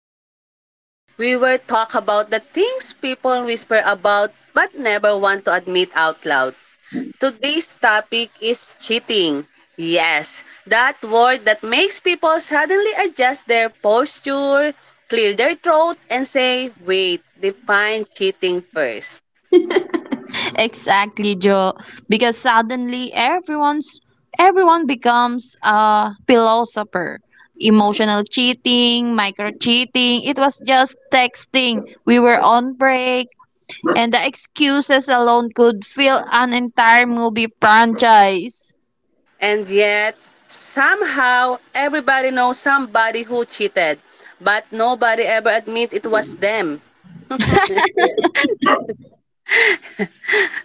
podcast. We will talk about the things people whisper about but never want to admit out loud. Today's topic is cheating. Yes, that word that makes people suddenly adjust their posture, clear their throat, and say, wait, define cheating first. Exactly, Joe. Because suddenly everyone becomes a philosopher. Emotional cheating, micro cheating, it was just texting. We were on break, and the excuses alone could fill an entire movie franchise. And yet, somehow, everybody knows somebody who cheated, but nobody ever admit it was them.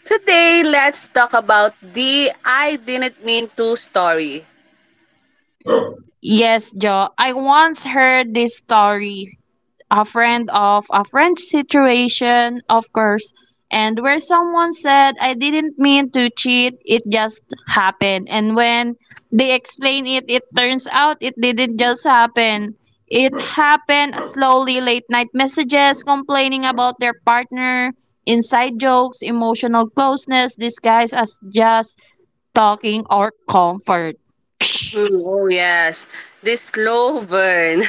Today, let's talk about the I didn't mean to story. Yes, Joe. I once heard this story, a friend of a friend situation, of course, and where someone said, I didn't mean to cheat, it just happened. And when they explain it, it turns out it didn't just happen. It happened slowly, late night messages, complaining about their partner, inside jokes, emotional closeness disguised as just talking or comfort. Hmm, oh yes, this slow burn,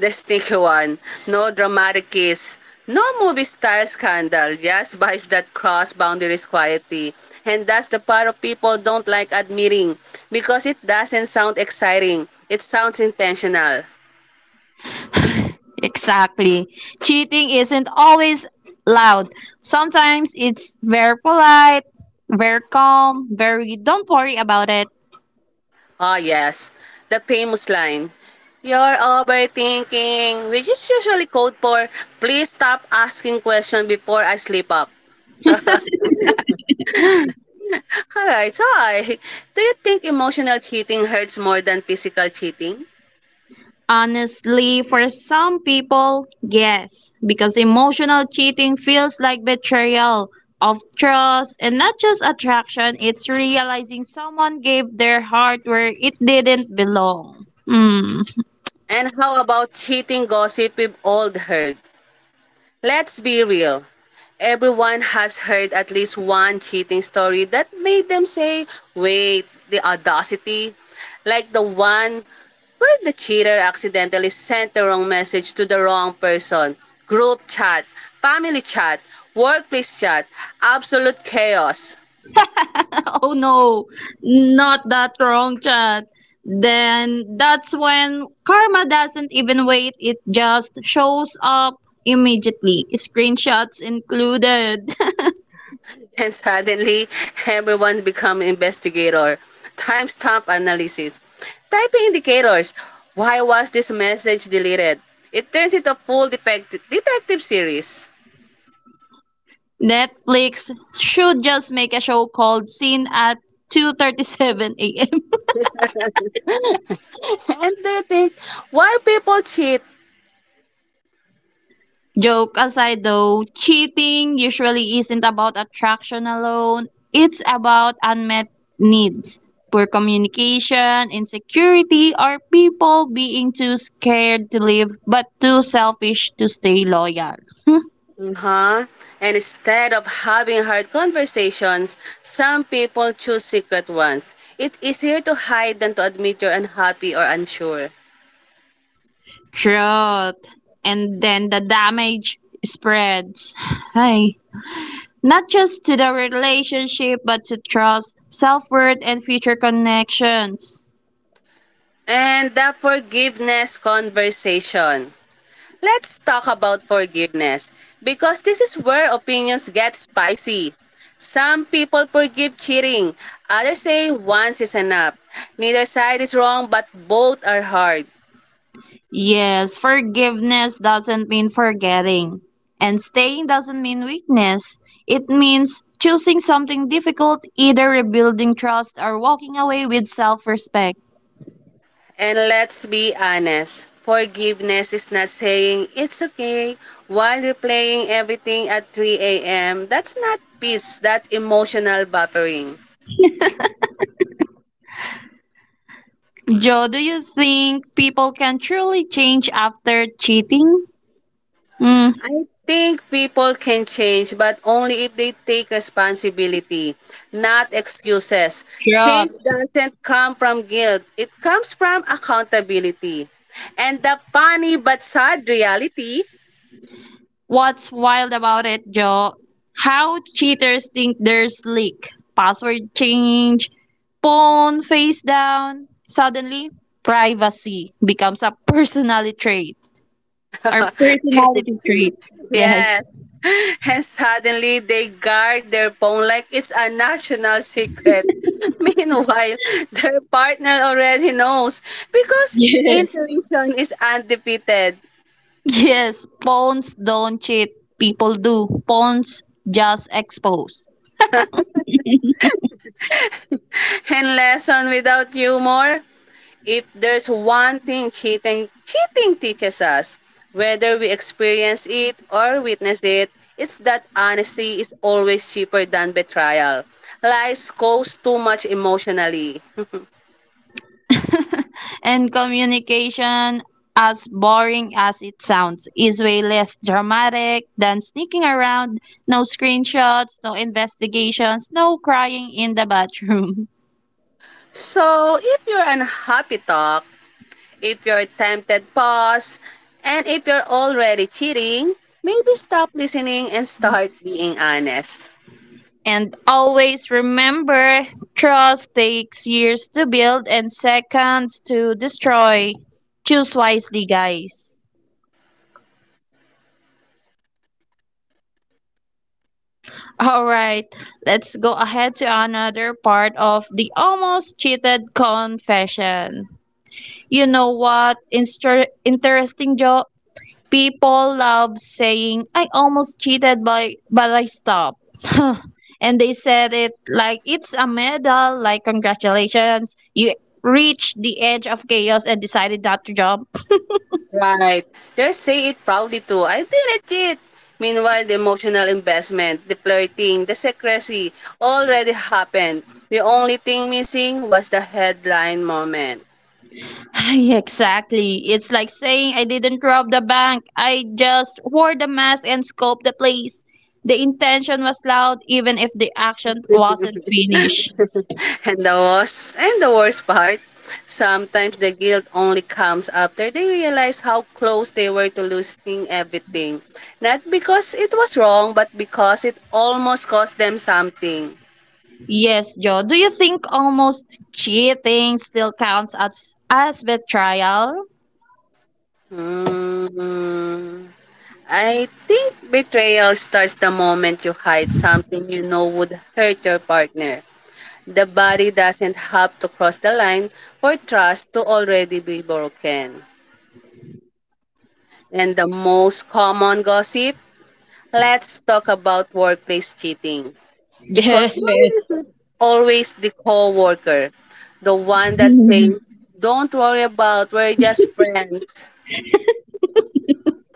the sneaky one. No dramatic kiss, no movie style scandal. Just vibes that cross boundaries quietly, and that's the part of people don't like admitting because it doesn't sound exciting. It sounds intentional. Exactly. Cheating isn't always loud. Sometimes it's very polite, very calm, very don't worry about it. Ah, yes. The famous line. You're overthinking, which is usually code for please stop asking questions before I slip up. Alright, do you think emotional cheating hurts more than physical cheating? Honestly, for some people, yes, because emotional cheating feels like betrayal of trust and not just attraction, it's realizing someone gave their heart where it didn't belong. Hmm. And how about cheating gossip we've all heard? Let's be real. Everyone has heard at least one cheating story that made them say, wait, the audacity. Like the one where the cheater accidentally sent the wrong message to the wrong person. Group chat, family chat, workplace chat, absolute chaos. Oh no, not that wrong chat. Then that's when karma doesn't even wait, it just shows up immediately, screenshots included. And suddenly, everyone become investigator. Time stamp analysis. Type indicators. Why was this message deleted? It turns into a full detective series. Netflix should just make a show called Scene at 2:37 a.m. And they think, why people cheat? Joke aside though, cheating usually isn't about attraction alone. It's about unmet needs, poor communication, insecurity, or people being too scared to live but too selfish to stay loyal. Huh? And instead of having hard conversations, some people choose secret ones. It's easier to hide than to admit you're unhappy or unsure. Truth. And then the damage spreads. Hi. Not just to the relationship but to trust, self worth, and future connections. And the forgiveness conversation. Let's talk about forgiveness because this is where opinions get spicy. Some people forgive cheating, others say once is enough. Neither side is wrong, but both are hard. Yes, forgiveness doesn't mean forgetting. And staying doesn't mean weakness. It means choosing something difficult, either rebuilding trust or walking away with self respect. And let's be honest, forgiveness is not saying it's okay while replaying everything at 3 a.m. That's not peace, that's emotional buffering. Joe, do you think people can truly change after cheating? Mm, I think people can change, but only if they take responsibility, not excuses. Change sure. doesn't come from guilt, it comes from accountability. And the funny but sad reality. What's wild about it, Joe? How cheaters think they're slick. Password change, phone face down. Suddenly, privacy becomes a personality trait. Or personality trait. Yes. Yes. And suddenly they guard their phone like it's a national secret. Meanwhile, their partner already knows because Yes. intuition is undefeated. Yes. Phones don't cheat. People do. Phones just expose. And lesson without humor? If there's one thing cheating teaches us, whether we experience it or witness it, it's that honesty is always cheaper than betrayal. Lies cost too much emotionally. And communication, as boring as it sounds, is way less dramatic than sneaking around, no screenshots, no investigations, no crying in the bathroom. So, if you're unhappy talk, if you're tempted pause, and if you're already cheating, maybe stop listening and start being honest. And always remember, trust takes years to build and seconds to destroy. Choose wisely, guys. All right, let's go ahead to another part of the almost cheated confession. You know what? Interesting joke. People love saying, I almost cheated, but I stopped. And they said it like it's a medal, like, congratulations. You reached the edge of chaos and decided not to jump. Right. They say it proudly too. I did it. Meanwhile, the emotional investment, the flirting, the secrecy already happened. The only thing missing was the headline moment. Ay, exactly. It's like saying, I didn't rob the bank. I just wore the mask and scoped the place. The intention was loud, even if the action wasn't finished. And the worst part, sometimes the guilt only comes after they realize how close they were to losing everything. Not because it was wrong, but because it almost cost them something. Yes, Joe. Do you think almost cheating still counts as betrayal? Hmm. I think betrayal starts the moment you hide something you know would hurt your partner. The body doesn't have to cross the line for trust to already be broken. And the most common gossip, let's talk about workplace cheating. Because Yes, why is yes. it always the coworker, the one that says, don't worry about, we're just friends.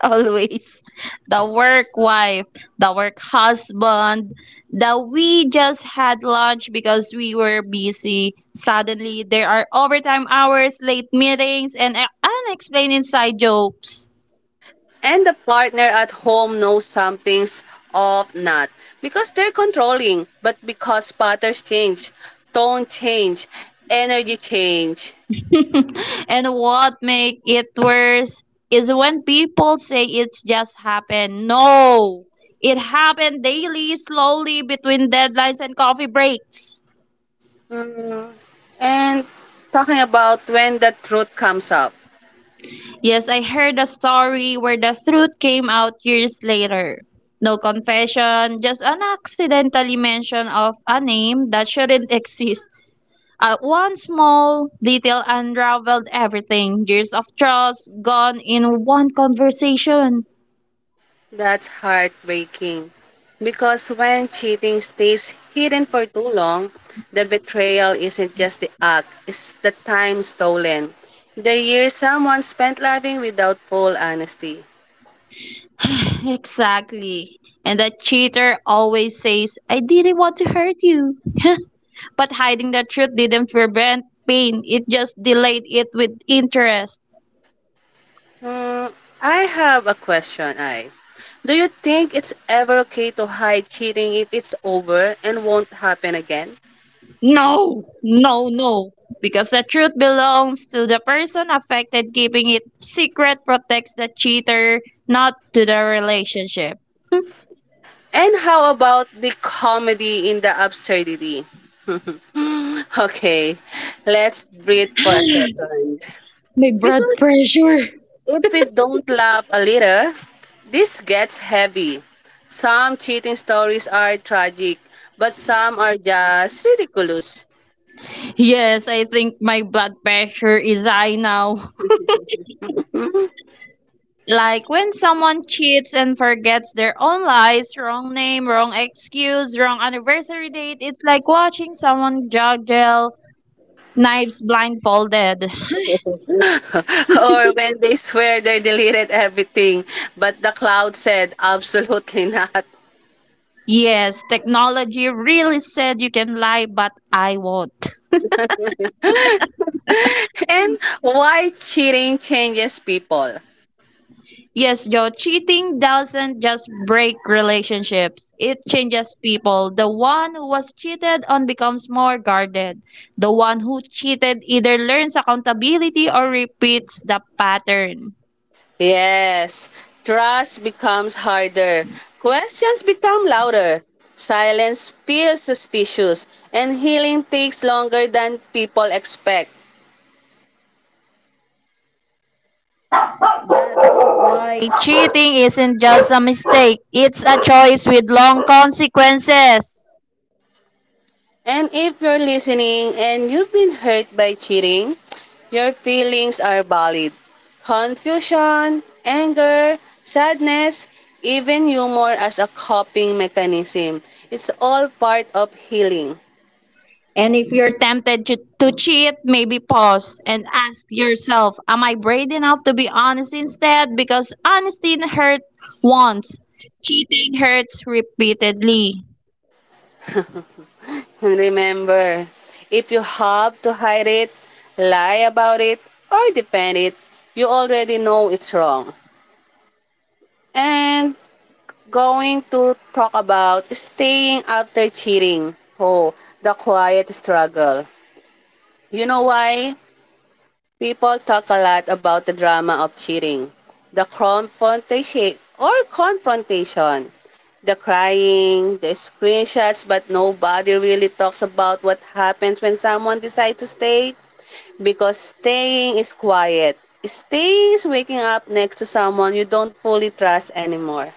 Always. The work wife, the work husband, the we just had lunch because we were busy. Suddenly, there are overtime hours, late meetings, and unexplained inside jokes. And the partner at home knows some things of not because they're controlling, but because patterns change, tone change, energy change. And what make it worse is when people say it's just happened. No, it happened daily, slowly between deadlines and coffee breaks. Mm, and talking about when the truth comes up, Yes, I heard a story where the truth came out years later. No confession, just an accidentally mention of a name that shouldn't exist. One small detail unraveled everything. Years of trust gone in one conversation. that's heartbreaking. Because when cheating stays hidden for too long, the betrayal isn't just the act, it's the time stolen. The years someone spent loving without full honesty. Exactly. And that cheater always says, I didn't want to hurt you. But hiding the truth didn't prevent pain, it just delayed it with interest. Mm, I have a question. Do you think it's ever okay to hide cheating if it's over and won't happen again? No, no, no. Because the truth belongs to the person affected, keeping it secret protects the cheater, not to the relationship. And how about the comedy in the absurdity? Okay, let's breathe for a second. My blood Because pressure. if we don't laugh a little, this gets heavy. Some cheating stories are tragic, but some are just ridiculous. Yes, I think my blood pressure is high now. Like when someone cheats and forgets their own lies, wrong name, wrong excuse, wrong anniversary date, it's like watching someone juggle knives blindfolded. Or when they swear they deleted everything, but the cloud said absolutely not. Yes, technology really said, you can lie, but I won't. And why cheating changes people. Yes, Joe, cheating doesn't just break relationships, it changes people. The one who was cheated on becomes more guarded. The one who cheated either learns accountability or repeats the pattern. Yes, trust becomes harder. Questions become louder. Silence feels suspicious, and healing takes longer than people expect. Like, cheating isn't just a mistake, it's a choice with long consequences. And if you're listening and you've been hurt by cheating, your feelings are valid. Confusion, anger, sadness, even humor as a coping mechanism. It's all part of healing. And if you're tempted to cheat, maybe pause and ask yourself, am I brave enough to be honest instead? Because honesty hurts once, cheating hurts repeatedly. And remember, if you have to hide it, lie about it, or defend it, you already know it's wrong. And going to talk about staying after cheating. Oh, the quiet struggle. You know why? People talk a lot about the drama of cheating. The confrontation. The crying, the screenshots, but nobody really talks about what happens when someone decides to stay. Because staying is quiet. Staying is waking up next to someone you don't fully trust anymore.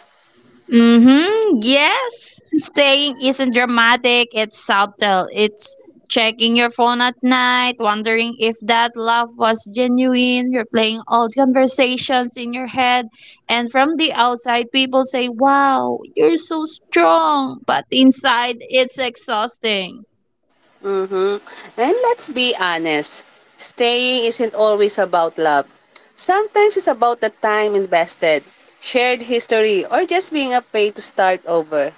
Mm-hmm. Yes. Staying isn't dramatic, it's subtle. It's checking your phone at night, wondering if that laugh was genuine, replaying old conversations in your head. And from the outside, people say, wow, you're so strong. But inside, it's exhausting. Mm-hmm. And let's be honest, staying isn't always about love. Sometimes it's about the time invested, shared history, or just being afraid to start over.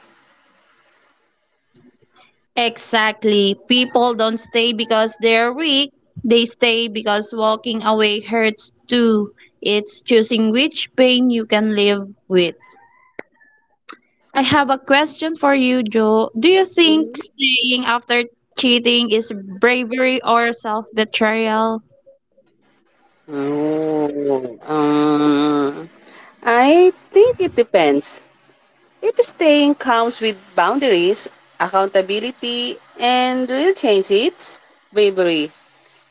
Exactly. People don't stay because they're weak. They stay because walking away hurts too. It's choosing which pain you can live with. I have a question for you, Joe. Do you think staying after cheating is bravery or self betrayal? Um, I think it depends. If staying comes with boundaries, accountability, and real change, it's bravery.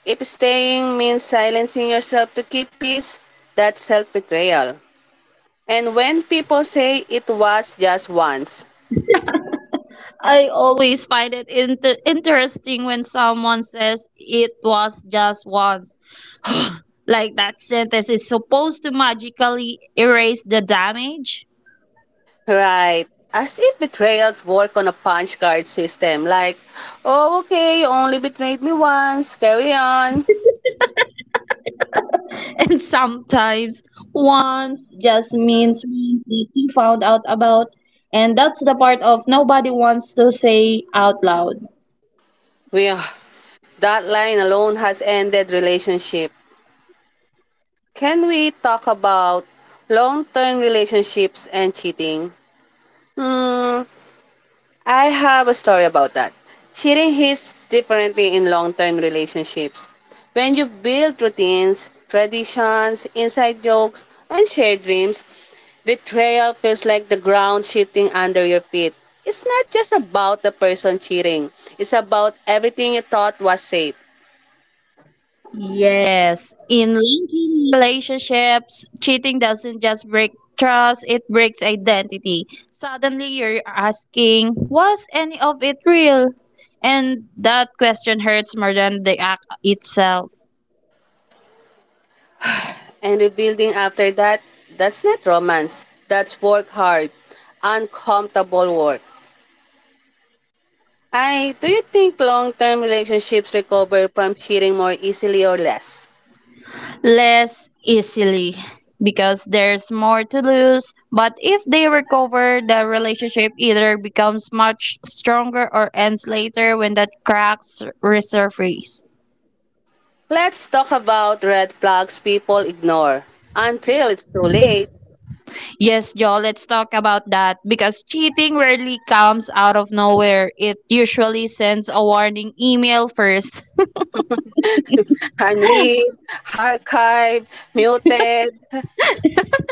If staying means silencing yourself to keep peace, that's self betrayal. And when people say it was just once, I always find it interesting when someone says it was just once. Like that sentence is supposed to magically erase the damage. right. As if betrayals work on a punch card system. Like, oh, okay, you only betrayed me once. Carry on. And sometimes once just means once that you found out about. And that's the part of nobody wants to say out loud. Well, that line alone has ended relationship. Can we talk about long-term relationships and cheating? Hmm, I have a story about that. Cheating hits differently in long term relationships. When you build routines, traditions, inside jokes, and shared dreams, betrayal feels like the ground shifting under your feet. It's not just about the person cheating, it's about everything you thought was safe. Yes, in long-term relationships, cheating doesn't just break trust, it breaks identity. Suddenly you're asking, was any of it real? And that question hurts more than the act itself. And rebuilding after that, that's not romance, that's work hard, uncomfortable work. Do you think long-term relationships recover from cheating more easily or less? Less easily, because there's more to lose, but if they recover, the relationship either becomes much stronger or ends later when that cracks resurface. Let's talk about red flags people ignore until it's too late. Yes, Joel, let's talk about that because cheating rarely comes out of nowhere. It usually sends a warning email first. Henry, archive, muted.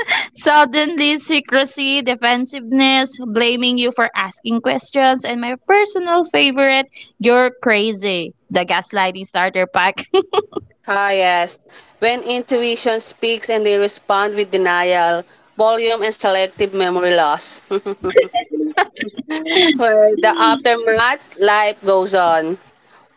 Suddenly, secrecy, defensiveness, blaming you for asking questions, and my personal favorite, you're crazy, the gaslighting starter pack. Ah, yes. When intuition speaks and they respond with denial, volume, and selective memory loss. For the aftermath, life goes on.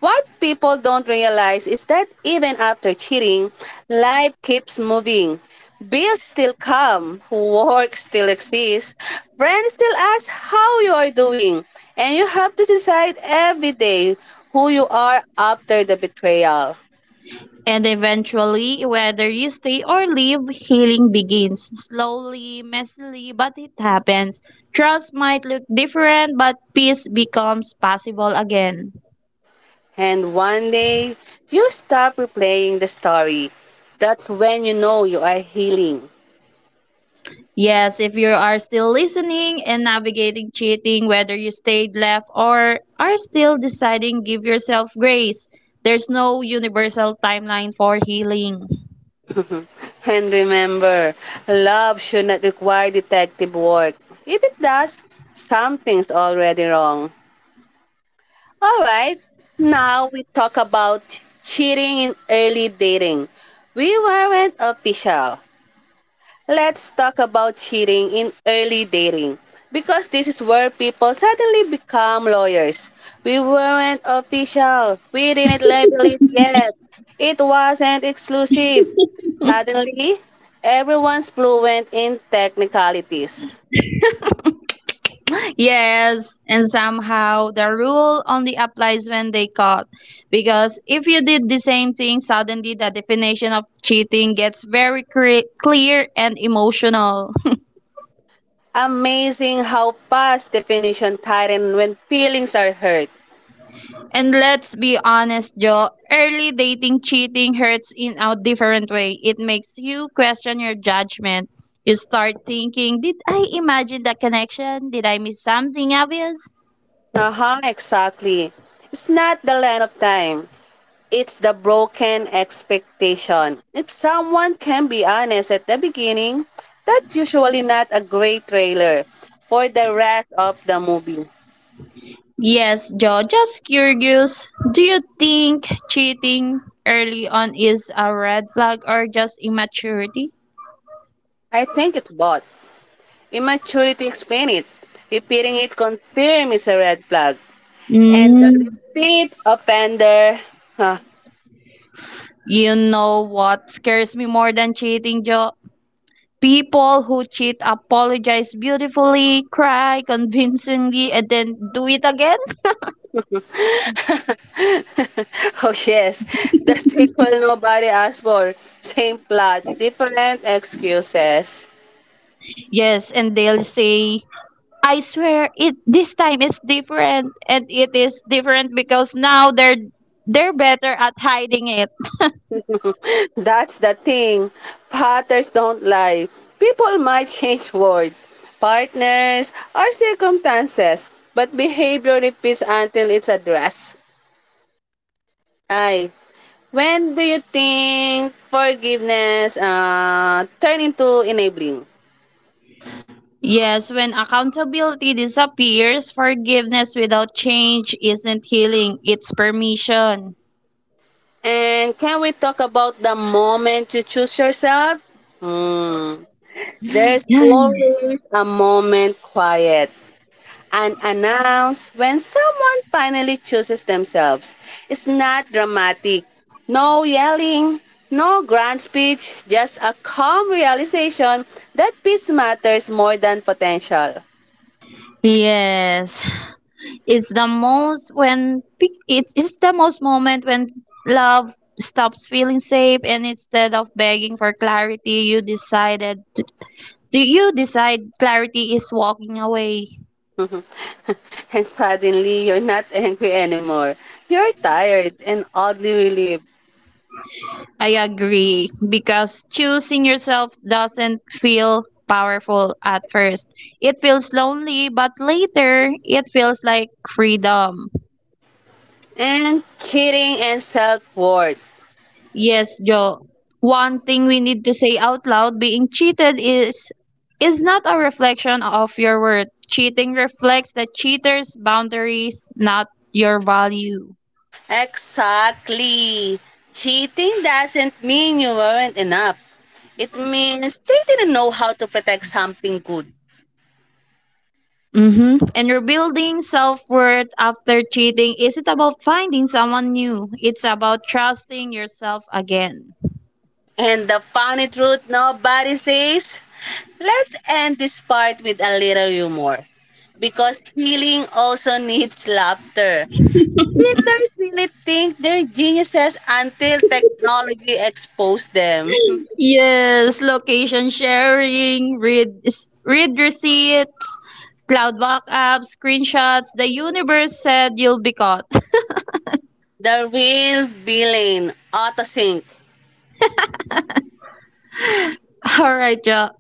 What people don't realize is that even after cheating, life keeps moving. Bills still come, work still exists, friends still ask how you are doing, and you have to decide every day who you are after the betrayal. And eventually, whether you stay or leave, healing begins. Slowly, messily, but it happens. Trust might look different, but peace becomes possible again. And one day, you stop replaying the story. That's when you know you are healing. Yes, if you are still listening and navigating cheating, whether you stayed, left, or are still deciding, give yourself grace. There's no universal timeline for healing. And remember, love should not require detective work. If it does, something's already wrong. Alright, now we talk about cheating in early dating. We weren't official. Let's talk about cheating in early dating because this is where people suddenly become lawyers. We weren't official, we didn't label it yet, it wasn't exclusive. Suddenly, everyone's fluent in technicalities. Yes, and somehow the rule only applies when they caught. Because if you did the same thing, suddenly the definition of cheating gets very clear and emotional. Amazing how past definition tighten when feelings are hurt. And let's be honest, Joe, early dating cheating hurts in a different way. It makes you question your judgment. You start thinking, did I imagine that connection? Did I miss something obvious? Uh-huh, exactly. It's not the length of time. It's the broken expectation. If someone can be honest at the beginning, that's usually not a great trailer for the rest of the movie. Yes, Joe, just curious. Do you think cheating early on is a red flag or just immaturity? I think it's both. Immaturity explain it. Repeating it confirm it's a red flag. And the Mm. repeat offender. Huh. You know what scares me more than cheating, Joe? People who cheat apologize beautifully, cry convincingly, and then do it again. Oh yes, the sequel nobody asked for. Same plot, different excuses. Yes, and they'll say, I swear it, this time is different, and it is different because now they're better at hiding it. That's the thing. Patterns don't lie. People might change word, partners, or circumstances, but behavior repeats until it's addressed. Ay, when do you think forgiveness turn into enabling? Yes, when accountability disappears, forgiveness without change isn't healing, it's permission. And can we talk about the moment you choose yourself? Hmm. There's always a moment quiet and announce when someone finally chooses themselves. It's not dramatic. No yelling, no grand speech, just a calm realization that peace matters more than potential. Yes. It's the most when it's the most moment when love stops feeling safe, and instead of begging for clarity you decided to, do you decide clarity is walking away. And suddenly, you're not angry anymore. You're tired and oddly relieved. I agree, because choosing yourself doesn't feel powerful at first, it feels lonely, but later it feels like freedom. And cheating and self worth. Yes, Joe. One thing we need to say out loud, being cheated is not a reflection of your worth. Cheating reflects the cheater's boundaries, not your value. Exactly. Cheating doesn't mean you weren't enough. It means they didn't know how to protect something good. Mm-hmm. And rebuilding self worth after cheating isn't about finding someone new. It's about trusting yourself again. And the funny truth nobody says, let's end this part with a little humor. Because healing also needs laughter. Cheaters really think they're geniuses until technology exposed them. Yes, location sharing, read receipts, cloud backups, screenshots. The universe said you'll be caught. The real villain, autosync. All right, yeah.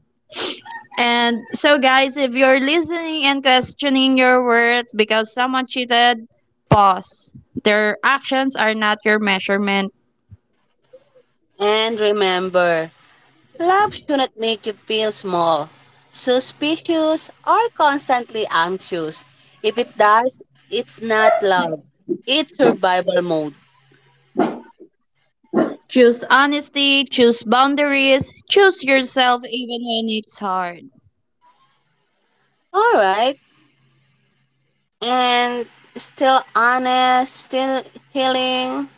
And so, guys, if you're listening and questioning your worth because someone cheated, pause. Their actions are not your measurement. And remember, love should not make you feel small, suspicious, or constantly anxious. If it does, it's not love. It's survival mode. Choose honesty, choose boundaries, choose yourself even when it's hard. All right. And still honest, still healing.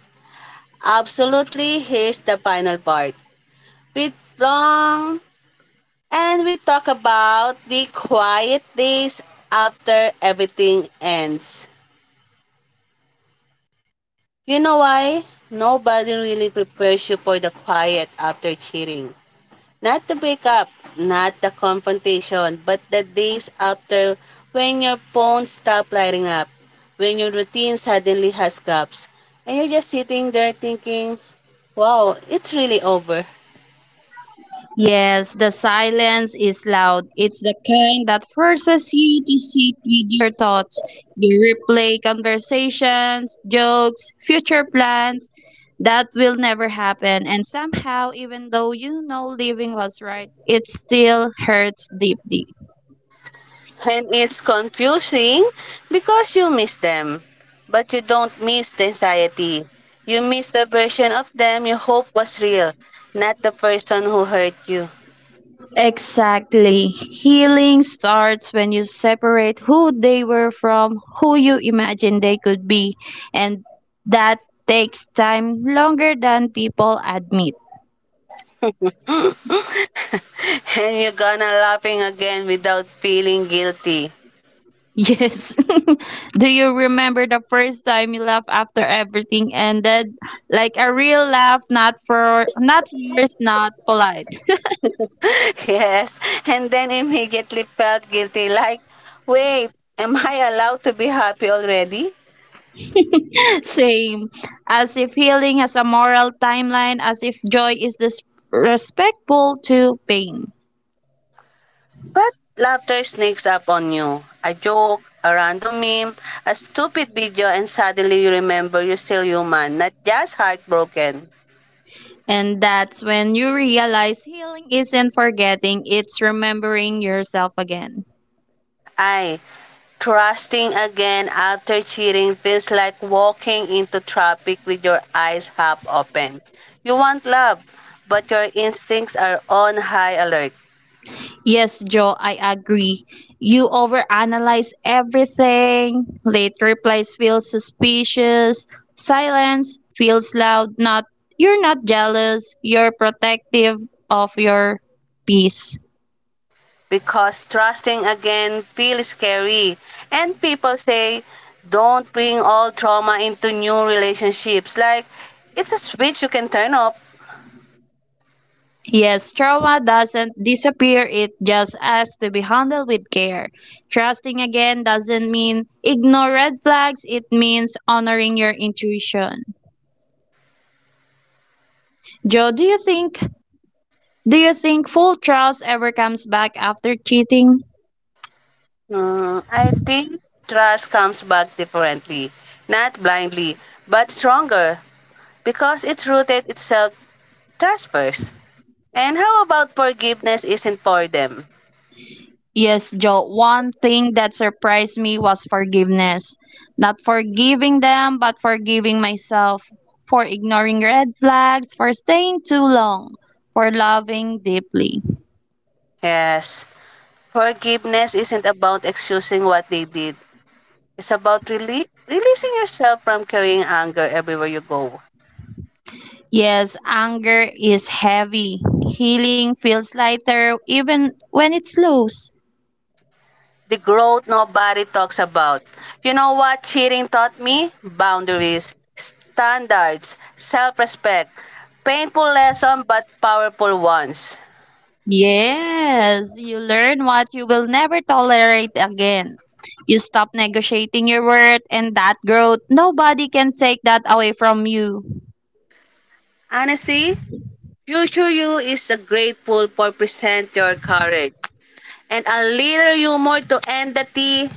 Absolutely, here's the final part. With long, and we talk about the quiet days after everything ends. You know why? Nobody really prepares you for the quiet after cheating. Not the breakup, not the confrontation, but the days after when your phone stops lighting up, when your routine suddenly has gaps, and you're just sitting there thinking, wow, it's really over. Yes, the silence is loud. It's the kind that forces you to sit with your thoughts. You replay conversations, jokes, future plans that will never happen. And somehow, even though you know living was right, it still hurts deeply. And it's confusing because you miss them, but you don't miss the anxiety. You miss the version of them you hope was real, not the person who hurt you. Exactly. Healing starts when you separate who they were from who you imagine they could be. And that takes time, longer than people admit. And you're gonna laughing again without feeling guilty. Yes. Do you remember the first time you laughed after everything ended? Like a real laugh, not for not first, not polite. Yes, and then immediately felt guilty like, wait, am I allowed to be happy already? Same. As if healing has a moral timeline, as if joy is this respectful to pain. But laughter sneaks up on you. A joke, a random meme, a stupid video, and suddenly you remember you're still human, not just heartbroken. And that's when you realize healing isn't forgetting, it's remembering yourself again. I. Trusting again after cheating feels like walking into traffic with your eyes half open. You want love, but your instincts are on high alert Yes, Joe, I agree. You overanalyze everything. Late replies feel suspicious. Silence feels loud. Not you're not jealous. You're protective of your peace. because trusting again feels scary. And people say, don't bring all trauma into new relationships. Like, it's a switch you can turn off. Yes, trauma doesn't disappear. It just has to be handled with care. Trusting again doesn't mean ignore red flags. It means honoring your intuition. Joe, do you think full trust ever comes back after cheating? I think trust comes back differently, not blindly, but stronger, because it's rooted itself trust first. And how about forgiveness isn't for them? Yes, Joe. One thing that surprised me was forgiveness. Not forgiving them, but forgiving myself. For ignoring red flags, for staying too long, for loving deeply. Yes, forgiveness isn't about excusing what they did. It's about releasing yourself from carrying anger everywhere you go. Yes, anger is heavy. Healing feels lighter even when it slows. The growth nobody talks about. You know what cheating taught me? Boundaries, standards, self-respect. Painful lesson but powerful ones. Yes, you learn what you will never tolerate again. You stop negotiating your worth, and that growth, nobody can take that away from you. Honestly, future you is grateful for present your courage and a little humor to end the tea.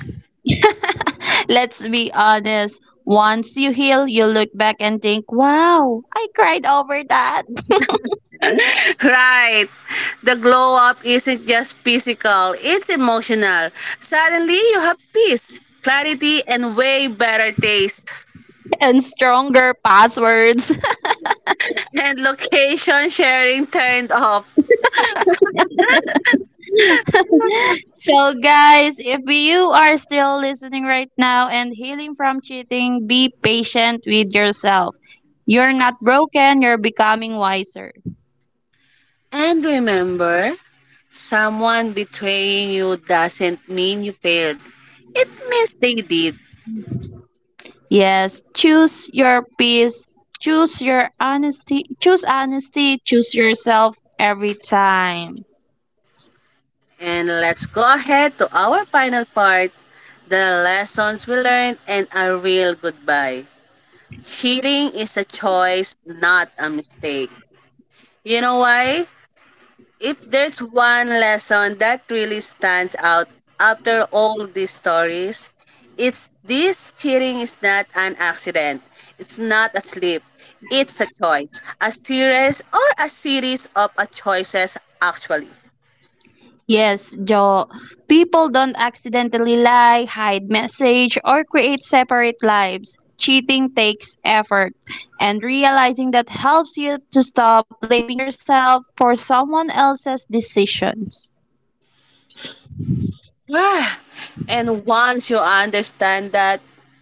Let's be honest. Once you heal, you look back and think, wow, I cried over that. Right. The glow up isn't just physical, it's emotional. Suddenly you have peace, clarity, and way better taste. And stronger passwords. And location sharing turned off. So, guys, if you are still listening right now and healing from cheating, be patient with yourself. You're not broken, you're becoming wiser. And remember, someone betraying you doesn't mean you failed. It means they did. Yes, choose your peace, choose your honesty, choose yourself every time. And let's go ahead to our final part, the lessons we learned and a real goodbye. Cheating is a choice, not a mistake. You know why? If there's one lesson that really stands out after all these stories, it's this cheating is not an accident. It's not a slip. It's a choice. A series or a series of a choices actually. Yes, Joe. People don't accidentally lie, hide message, or create separate lives. Cheating takes effort, and realizing that helps you to stop blaming yourself for someone else's decisions. Ah, and once you understand that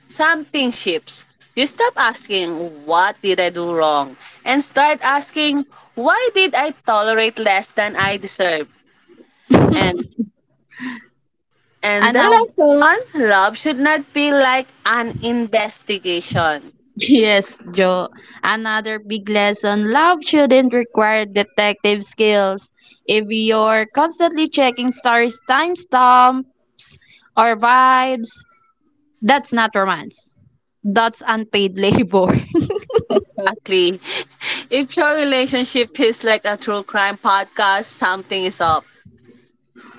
something shifts, you stop asking, what did I do wrong? And start asking, why did I tolerate less than I deserve? And And the Another last one, love should not be like an investigation. Yes, Joe. Another big lesson, love shouldn't require detective skills. If you're constantly checking stories, timestamps, or vibes, that's not romance. That's unpaid labor. Exactly. If your relationship feels like a true crime podcast, something is up.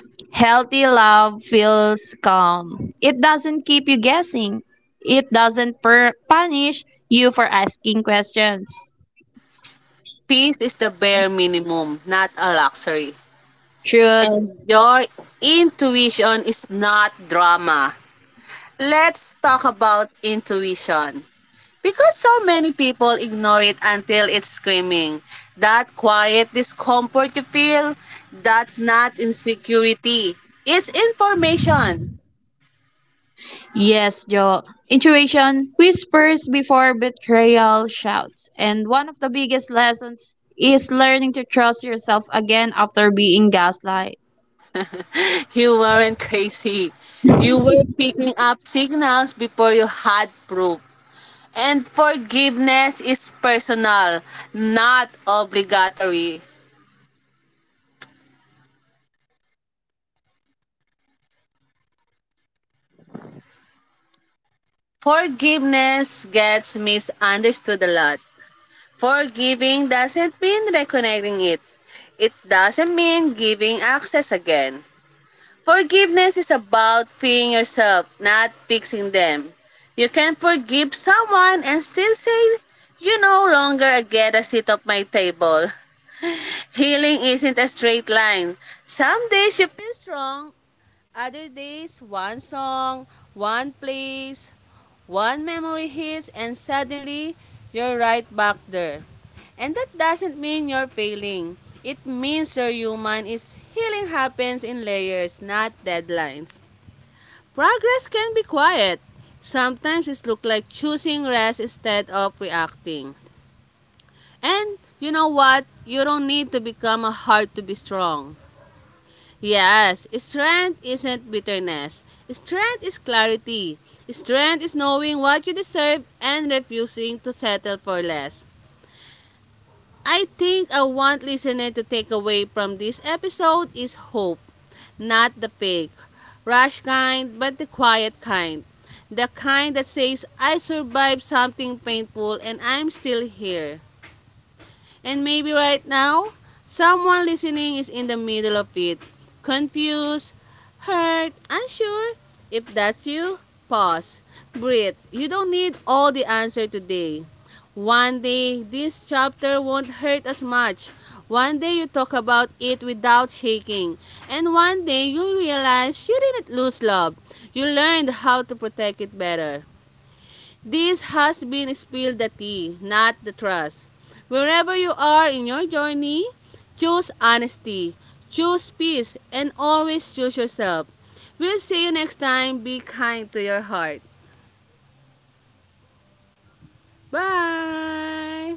Healthy love feels calm. It doesn't keep you guessing, it doesn't punish you for asking questions. Peace is the bare minimum, not a luxury. Truth. And your intuition is not drama. Let's talk about intuition. Because so many people ignore it until it's screaming. That quiet discomfort you feel, that's not insecurity. It's information. Yes, Joe. Intuition whispers before betrayal shouts. And one of the biggest lessons is learning to trust yourself again after being gaslight. You weren't crazy. You were picking up signals before you had proof. And forgiveness is personal, not obligatory. All right. Forgiveness gets misunderstood a lot, Forgiveness gets and misunderstood a lot. forgiving doesn't mean Forgiving doesn't mean reconnecting. reconnecting it. It It doesn't doesn't mean mean giving giving access access again. again. Forgiveness is about freeing yourself, not fixing them. You can forgive Forgiveness is someone about and still say, freeing you yourself, no not longer fixing get a them. seat at You my can forgive table. someone and still say, Healing isn't a you straight no line. longer get Some a seat days you in, feel at my strong, table. other days one song, one Closure doesn't place, one memory hits, and suddenly you're right back there. And that doesn't mean you're failing. It means you're human is healing happens in layers, not deadlines. Progress can be quiet. Sometimes it looks like choosing rest instead of reacting. And you know what? You don't need to become a heart to be strong. Yes, strength isn't bitterness. Strength is clarity. Strength is knowing what you deserve and refusing to settle for less. I think I want listener to take away from this episode is hope, not the fake, rash kind, but the quiet kind. The kind that says, I survived something painful and I'm still here. And maybe right now, someone listening is in the middle of it, confused, hurt, unsure. If that's you, pause, breathe. You don't need all the answer today. One day, this chapter won't hurt as much. One day, you talk about it without shaking. And one day, you realize you didn't lose love. You learned how to protect it better. This has been Spilled the Tea, Not the Trust. Wherever you are in your journey, choose honesty, choose peace, and always choose yourself. We'll see you next time. Be kind to your heart. Bye!